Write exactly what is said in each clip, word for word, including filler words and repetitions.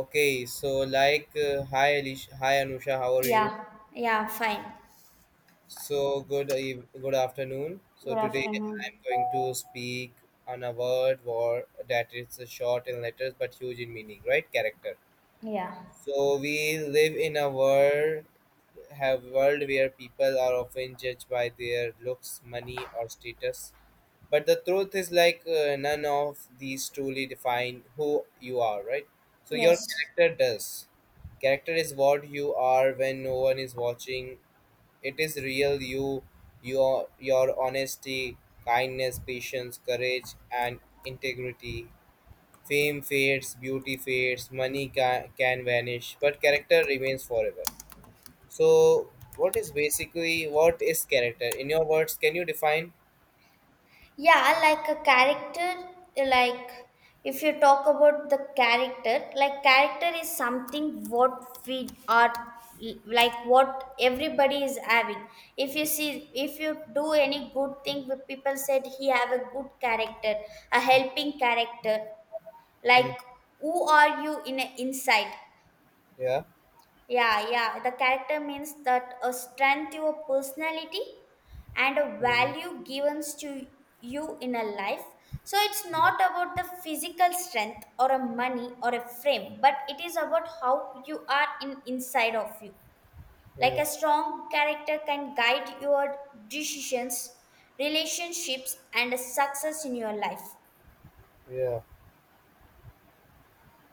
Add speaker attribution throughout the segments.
Speaker 1: Okay, so like, uh, hi Alish, hi Anusha, how are you?
Speaker 2: Yeah, yeah, fine.
Speaker 1: So good, eve- good afternoon.
Speaker 2: Good
Speaker 1: So today
Speaker 2: afternoon.
Speaker 1: I'm going to speak on a word war that is short in letters but huge in meaning, right? Character.
Speaker 2: Yeah,
Speaker 1: So we live in a world have world where people are often judged by their looks, money, or status. But the truth is, like uh, none of these truly define who you are, right? So your
Speaker 2: yes.
Speaker 1: character does. Character is what you are when no one is watching. It is real you, your your honesty, kindness, patience, courage, and integrity. Fame fades, beauty fades, money ca- can vanish, but character remains forever. So what is basically what is character, in your words? Can you define?
Speaker 2: Yeah, like a character, like if you talk about the character, like character is something what we are like what everybody is having. If you see, if you do any good thing, with people said he have a good character, a helping character. Like
Speaker 1: Mm,
Speaker 2: who are you in a inside?
Speaker 1: yeah.
Speaker 2: Yeah, yeah. The character means that a strength, your personality, and a
Speaker 1: Mm,
Speaker 2: value given to you in a life. So it's not about the physical strength or a money or a frame, but it is about how you are in inside of you. Like
Speaker 1: yeah,
Speaker 2: a strong character can guide your decisions, relationships, and success in your life.
Speaker 1: yeah.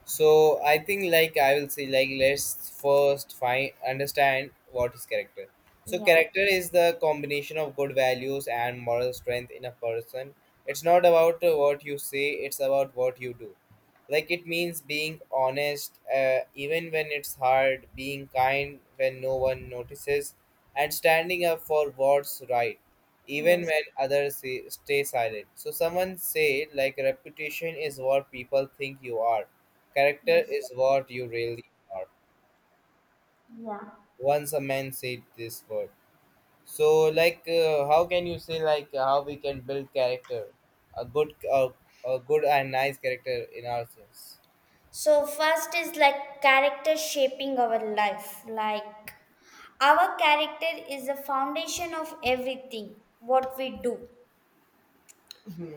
Speaker 1: So I think, like, I will say, like, let's first find understand what is character. So
Speaker 2: Yeah,
Speaker 1: character is the combination of good values and moral strength in a person. It's not about uh, what you say, it's about what you do. Like, it means being honest, uh, even when it's hard, being kind when no one notices, and standing up for what's right even
Speaker 2: yes,
Speaker 1: when others say, stay silent. So someone said, like, reputation is what people think you are, character
Speaker 2: yes,
Speaker 1: is what you really are.
Speaker 2: yeah.
Speaker 1: Once a man said this word. So, like uh, how can you say, like uh, how we can build character, a good, uh, a good and nice character in ourselves?
Speaker 2: So first is like character shaping our life. Like our character is the foundation of everything what we do,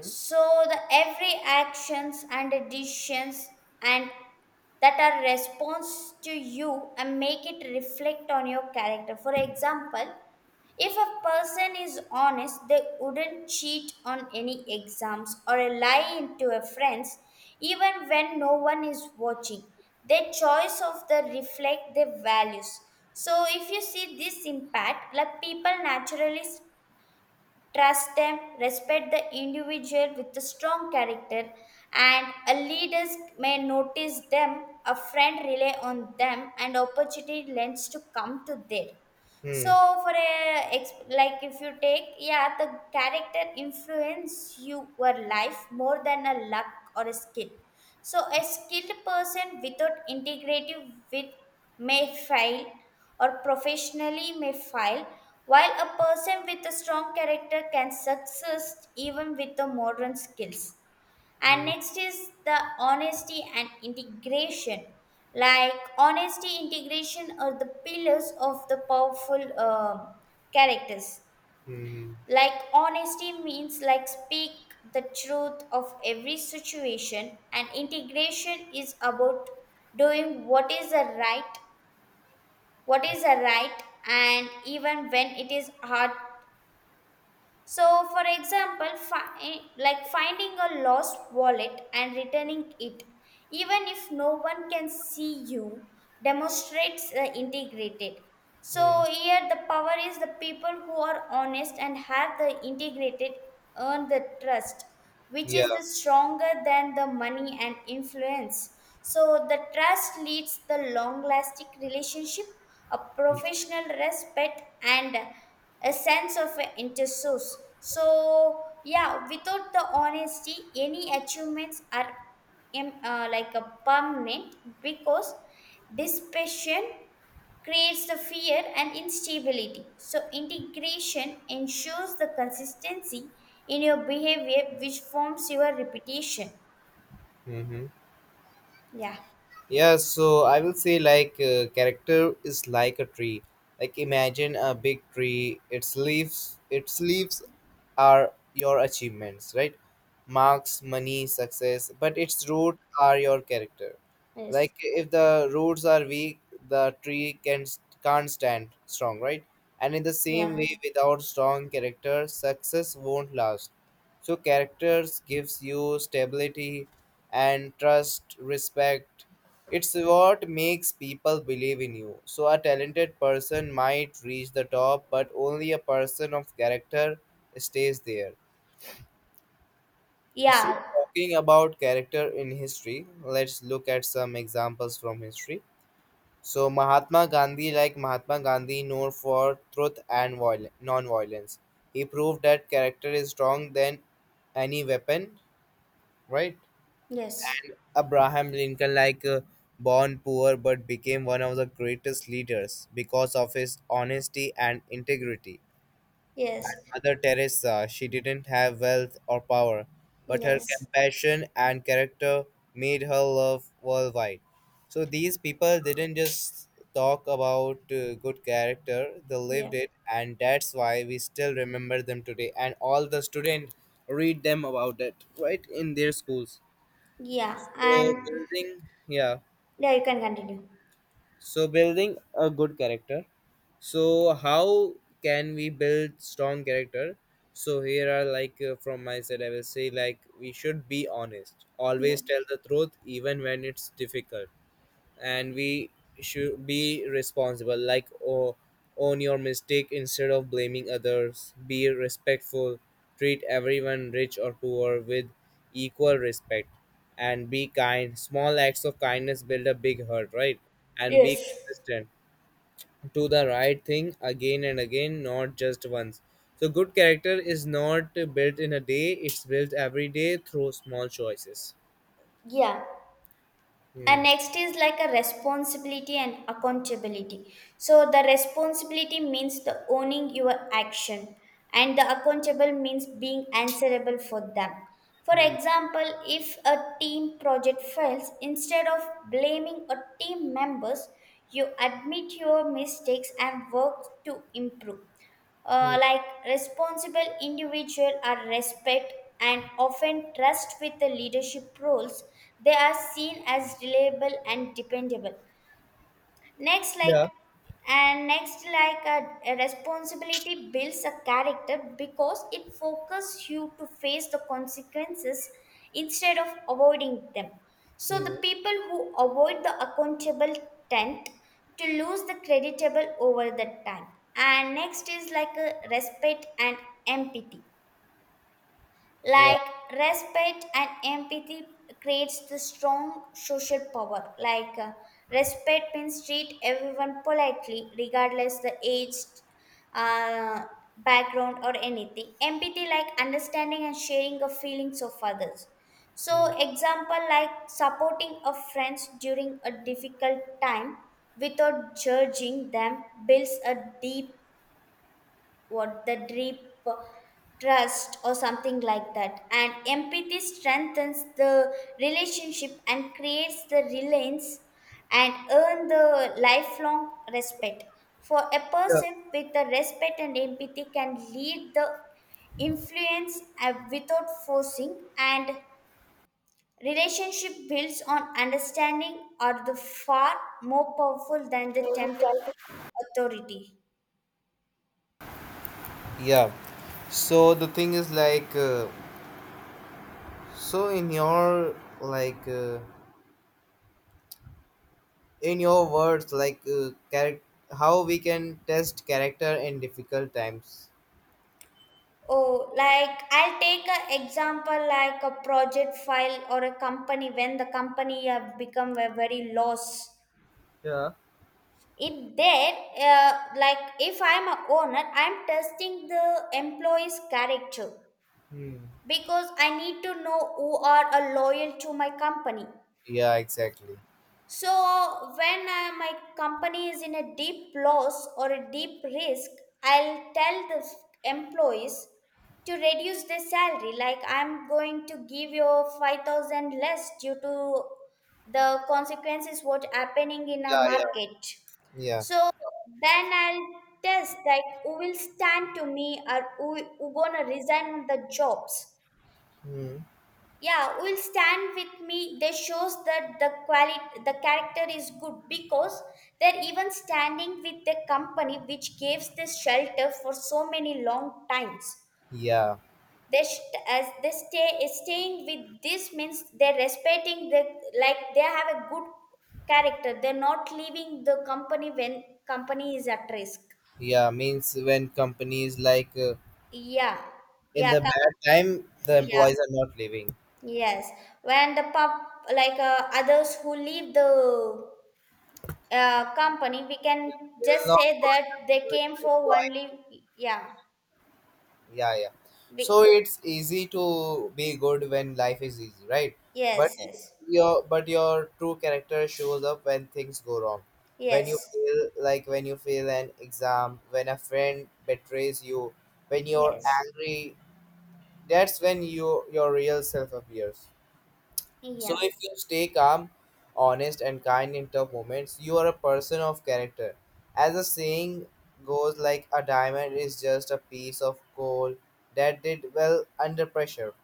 Speaker 2: so the every actions and decisions and that are response to you and make it reflect on your character. For example, if a person is honest, they wouldn't cheat on any exams or a lie into a friends, even when no one is watching. Their choice of the reflect their values. So if you see this impact, like people naturally trust them, respect the individual with a strong character, and a leaders may notice them, a friend rely on them, and opportunity lends to come to there.
Speaker 1: Hmm.
Speaker 2: So, for a ex- like if you take, yeah, the character influence your life more than a luck or a skill. So, a skilled person without integrative with may fail or professionally may fail, while a person with a strong character can succeed even with the modern skills. And
Speaker 1: Hmm.
Speaker 2: next is the honesty and integration. Like honesty, integration are the pillars of the powerful um characters.
Speaker 1: Hmm.
Speaker 2: Like honesty means like speak the truth of every situation, and integration is about doing what is a right, what is a right and even when it is hard. So, for example, fi- like finding a lost wallet and returning it, even if no one can see you, demonstrates the integrated. So,
Speaker 1: Hmm.
Speaker 2: here the power is the people who are honest and have the integrated earn the trust, which
Speaker 1: Yeah.
Speaker 2: is the stronger than the money and influence. So, the trust leads the long lasting relationship, a professional respect, and a sense of interest. So yeah, without the honesty, any achievements are im- uh, like a permanent, because dispassion creates the fear and instability. So integration ensures the consistency in your behavior, which forms your reputation.
Speaker 1: Hmm.
Speaker 2: Yeah.
Speaker 1: Yeah, so I will say, like uh, character is like a tree. Like, imagine a big tree. Its leaves, its leaves are your achievements, right? Marks, money, success, but its roots are your character.
Speaker 2: Yes.
Speaker 1: Like, if the roots are weak, the tree can can't stand strong, right? And in the
Speaker 2: Yeah.
Speaker 1: same way, without strong character, success won't last. So characters gives you stability and trust, respect. It's what makes people believe in you. So a talented person might reach the top, but only a person of character stays there. So
Speaker 2: Yeah.
Speaker 1: talking about character in history, let's look at some examples from history. So Mahatma Gandhi, like Mahatma Gandhi, known for truth and viol- non-violence. He proved that character is strong than any weapon, right?
Speaker 2: Yes.
Speaker 1: Abraham Lincoln, like uh, born poor but became one of the greatest leaders because of his honesty and integrity.
Speaker 2: Yes.
Speaker 1: Mother Teresa, she didn't have wealth or power, but her
Speaker 2: Yes.
Speaker 1: compassion and character made her love worldwide. So these people didn't just talk about uh, good character, they
Speaker 2: Yeah.
Speaker 1: lived it, and that's why we still remember them today. And all the students read them about it, right, in their schools.
Speaker 2: Yeah,
Speaker 1: So
Speaker 2: and
Speaker 1: building, yeah.
Speaker 2: yeah, you can continue.
Speaker 1: So building a good character. So how can we build strong character? So here are, like uh, from my side, I will say, like, we should be honest. Always tell
Speaker 2: Yes.
Speaker 1: the truth even when it's difficult. And we should be responsible, like, oh, own your mistake instead of blaming others. Be respectful, treat everyone, rich or poor, with equal respect. And be kind, small acts of kindness build a big heart, right? And be
Speaker 2: Yes.
Speaker 1: consistent, do the right thing again and again, not just once. So good character is not built in a day, it's built every day through small choices.
Speaker 2: Yeah. And
Speaker 1: Hmm.
Speaker 2: next is like a responsibility and accountability. So the responsibility means the owning your action, and the accountable means being answerable for them. For
Speaker 1: Hmm.
Speaker 2: example, if a team project fails, instead of blaming a team members, you admit your mistakes and work to improve.
Speaker 1: Hmm.
Speaker 2: Uh,
Speaker 1: Hmm.
Speaker 2: like responsible individual are respect and often trust with the leadership roles. They are seen as reliable and dependable. next like
Speaker 1: Yeah.
Speaker 2: and next like a, a responsibility builds a character, because it focuses you to face the consequences instead of avoiding them. So the
Speaker 1: Hmm.
Speaker 2: people who avoid the accountable tend to lose the creditable over the time. And next is like a respect and empathy.
Speaker 1: Yeah.
Speaker 2: Like respect and empathy creates the strong social power. Like uh, respect means treat everyone politely regardless the age, uh, background, or anything. Empathy like understanding and sharing of feelings of others. So
Speaker 1: Hmm.
Speaker 2: example, like supporting a friend during a difficult time without judging them builds a deep, what, the deep trust or something like that. And empathy strengthens the relationship and creates the reliance and earn the lifelong respect. For a
Speaker 1: Yeah.
Speaker 2: person with the respect and empathy can lead the influence uh, without forcing. And relationship builds on understanding are the far more powerful than the temporary authority.
Speaker 1: Yeah. So the thing is, like uh, so in your, like uh, in your words, like uh, character, how we can test character in difficult times?
Speaker 2: Oh, like I'll take an example like a project file or a company when the company have become a very loss.
Speaker 1: Yeah.
Speaker 2: If there, uh, Like if I'm a owner, I'm testing the employee's character
Speaker 1: Hmm.
Speaker 2: because I need to know who are a loyal to my company.
Speaker 1: Yeah, exactly.
Speaker 2: So, when uh, my company is in a deep loss or a deep risk, I'll tell the s- employees to reduce their salary. Like, I'm going to give you five thousand less due to the consequences what happening in a
Speaker 1: Yeah, yeah,
Speaker 2: market.
Speaker 1: yeah.
Speaker 2: So then I'll test like who will stand to me, or who, who gonna resign the jobs.
Speaker 1: Hmm.
Speaker 2: Yeah, will stand with me. They shows that the quality, the character is good, because they're even standing with the company which gives the shelter for so many long times.
Speaker 1: Yeah,
Speaker 2: They st- as they stay staying with this means they're respecting the, like they have a good character. They're not leaving the company when company is at risk.
Speaker 1: yeah. Means when companies, like uh,
Speaker 2: Yeah.
Speaker 1: in
Speaker 2: Yeah,
Speaker 1: the
Speaker 2: com-
Speaker 1: bad time, the
Speaker 2: yeah,
Speaker 1: employees are not leaving. They
Speaker 2: yes, when the pub like uh, others who leave the uh, company, we can
Speaker 1: will
Speaker 2: just
Speaker 1: not.
Speaker 2: say that they came for only yeah
Speaker 1: Yeah, yeah.
Speaker 2: we,
Speaker 1: So it's easy to be good when life is easy, right? But
Speaker 2: yes, yes,
Speaker 1: your but your true character shows up when things go wrong. When you
Speaker 2: yes,
Speaker 1: fail, like when you fail an exam, when a friend betrays you, when you're
Speaker 2: yes,
Speaker 1: angry, that's when you your real self appears. So
Speaker 2: yeah,
Speaker 1: if you stay calm, honest, and kind in tough moments, you are a person of character. As the saying goes, like, a diamond is just a piece of coal that did well under pressure.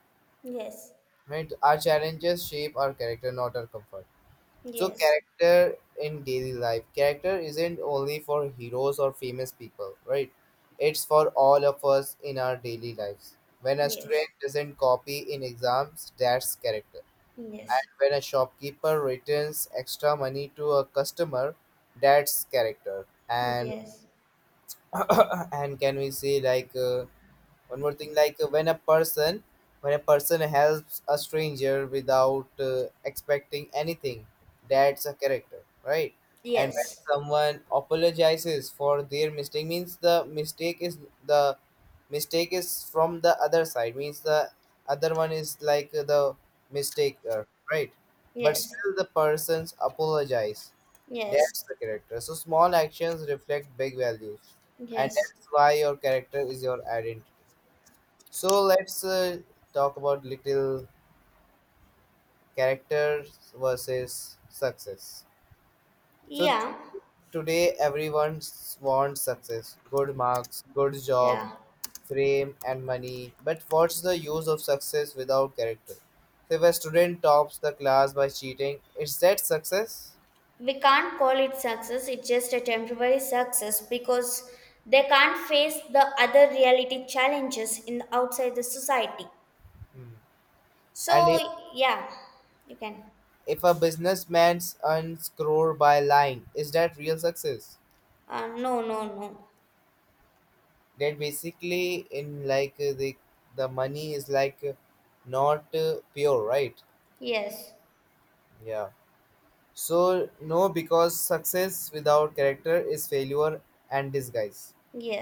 Speaker 2: yes,
Speaker 1: Right? Our challenges shape our character, not our comfort. So
Speaker 2: yes,
Speaker 1: character in daily life, character isn't only for heroes or famous people, right? It's for all of us in our daily lives. When a
Speaker 2: yes,
Speaker 1: student doesn't copy in exams, that's character. And
Speaker 2: yes,
Speaker 1: when a shopkeeper returns extra money to a customer, that's character. and
Speaker 2: yes,
Speaker 1: and can we say, like uh, one more thing, like uh, when a person, when a person helps a stranger without uh, expecting anything, that's a character, right? And when
Speaker 2: yes,
Speaker 1: someone apologizes for their mistake, means the mistake is the mistake is from the other side, means the other one is like the mistaker, right? But
Speaker 2: yes,
Speaker 1: still, the persons apologize.
Speaker 2: yes,
Speaker 1: That's the character. So small actions reflect big values, and
Speaker 2: yes,
Speaker 1: that's why your character is your identity. So let's, uh, talk about little characters versus success. So t-
Speaker 2: yeah,
Speaker 1: today everyone s- wants success, good marks, good job,
Speaker 2: yeah.
Speaker 1: fame and money. But what's the use of success without character? So if a student tops the class by cheating, is that success?
Speaker 2: We can't call it success. It's just a temporary success, because they can't face the other reality challenges in outside the society.
Speaker 1: Hmm.
Speaker 2: So,
Speaker 1: And if,
Speaker 2: yeah, you can.
Speaker 1: if a businessman earns crore by lying, is that real success?
Speaker 2: Uh, no, no, no.
Speaker 1: That basically in, like uh, the the money is like uh, not uh, pure, right?
Speaker 2: Yes,
Speaker 1: Yeah. So no, because success without character is failure and disguise.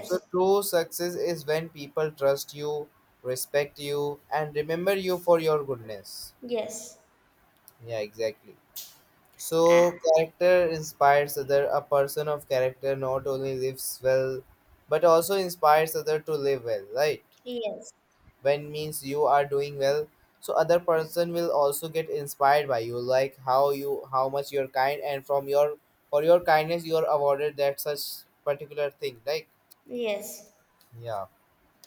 Speaker 1: So true success is when people trust you, respect you, and remember you for your goodness.
Speaker 2: yes.
Speaker 1: Yeah, exactly. So
Speaker 2: Ah,
Speaker 1: character inspires other, a person of character not only lives well but also inspires other to live well, right?
Speaker 2: yes,
Speaker 1: When means you are doing well, so other person will also get inspired by you, like how you, how much you're kind, and from your, for your kindness you are awarded that such particular thing, like,
Speaker 2: yes.
Speaker 1: yeah.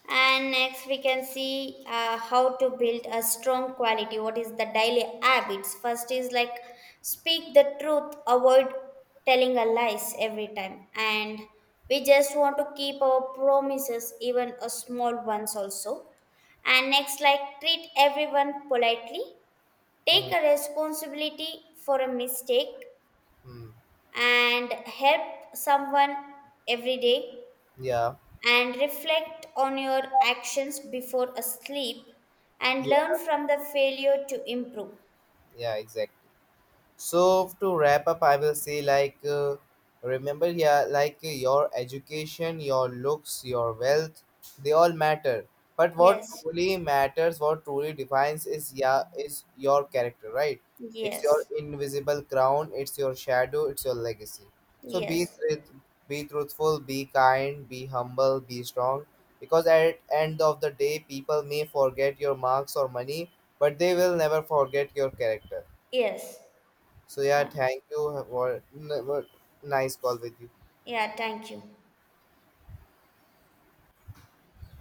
Speaker 2: And next, we can see uh, how to build a strong quality. What is the daily habits? First is like speak the truth, avoid telling a lies every time. And we just want to keep our promises, even a small ones also. And next, like treat everyone politely. Take
Speaker 1: Mm,
Speaker 2: a responsibility for a mistake,
Speaker 1: mm,
Speaker 2: and help someone every day,
Speaker 1: yeah.
Speaker 2: and reflect on your actions before a sleep, and learn
Speaker 1: Yeah,
Speaker 2: from the failure to improve.
Speaker 1: yeah, exactly. So to wrap up, I will say, like uh, remember, yeah, like uh, your education, your looks, your wealth, they all matter, but what
Speaker 2: Yes,
Speaker 1: truly matters, what truly defines is, yeah, is your character, right? It's your
Speaker 2: yes,
Speaker 1: invisible crown, it's your shadow, it's your legacy. So be
Speaker 2: yes,
Speaker 1: truth, be truthful, be kind, be humble, be strong, because at end of the day, people may forget your marks or money, but they will never forget your character.
Speaker 2: yes.
Speaker 1: So yeah,
Speaker 2: Uh,
Speaker 1: thank you. What what nice call with you.
Speaker 2: yeah, thank you.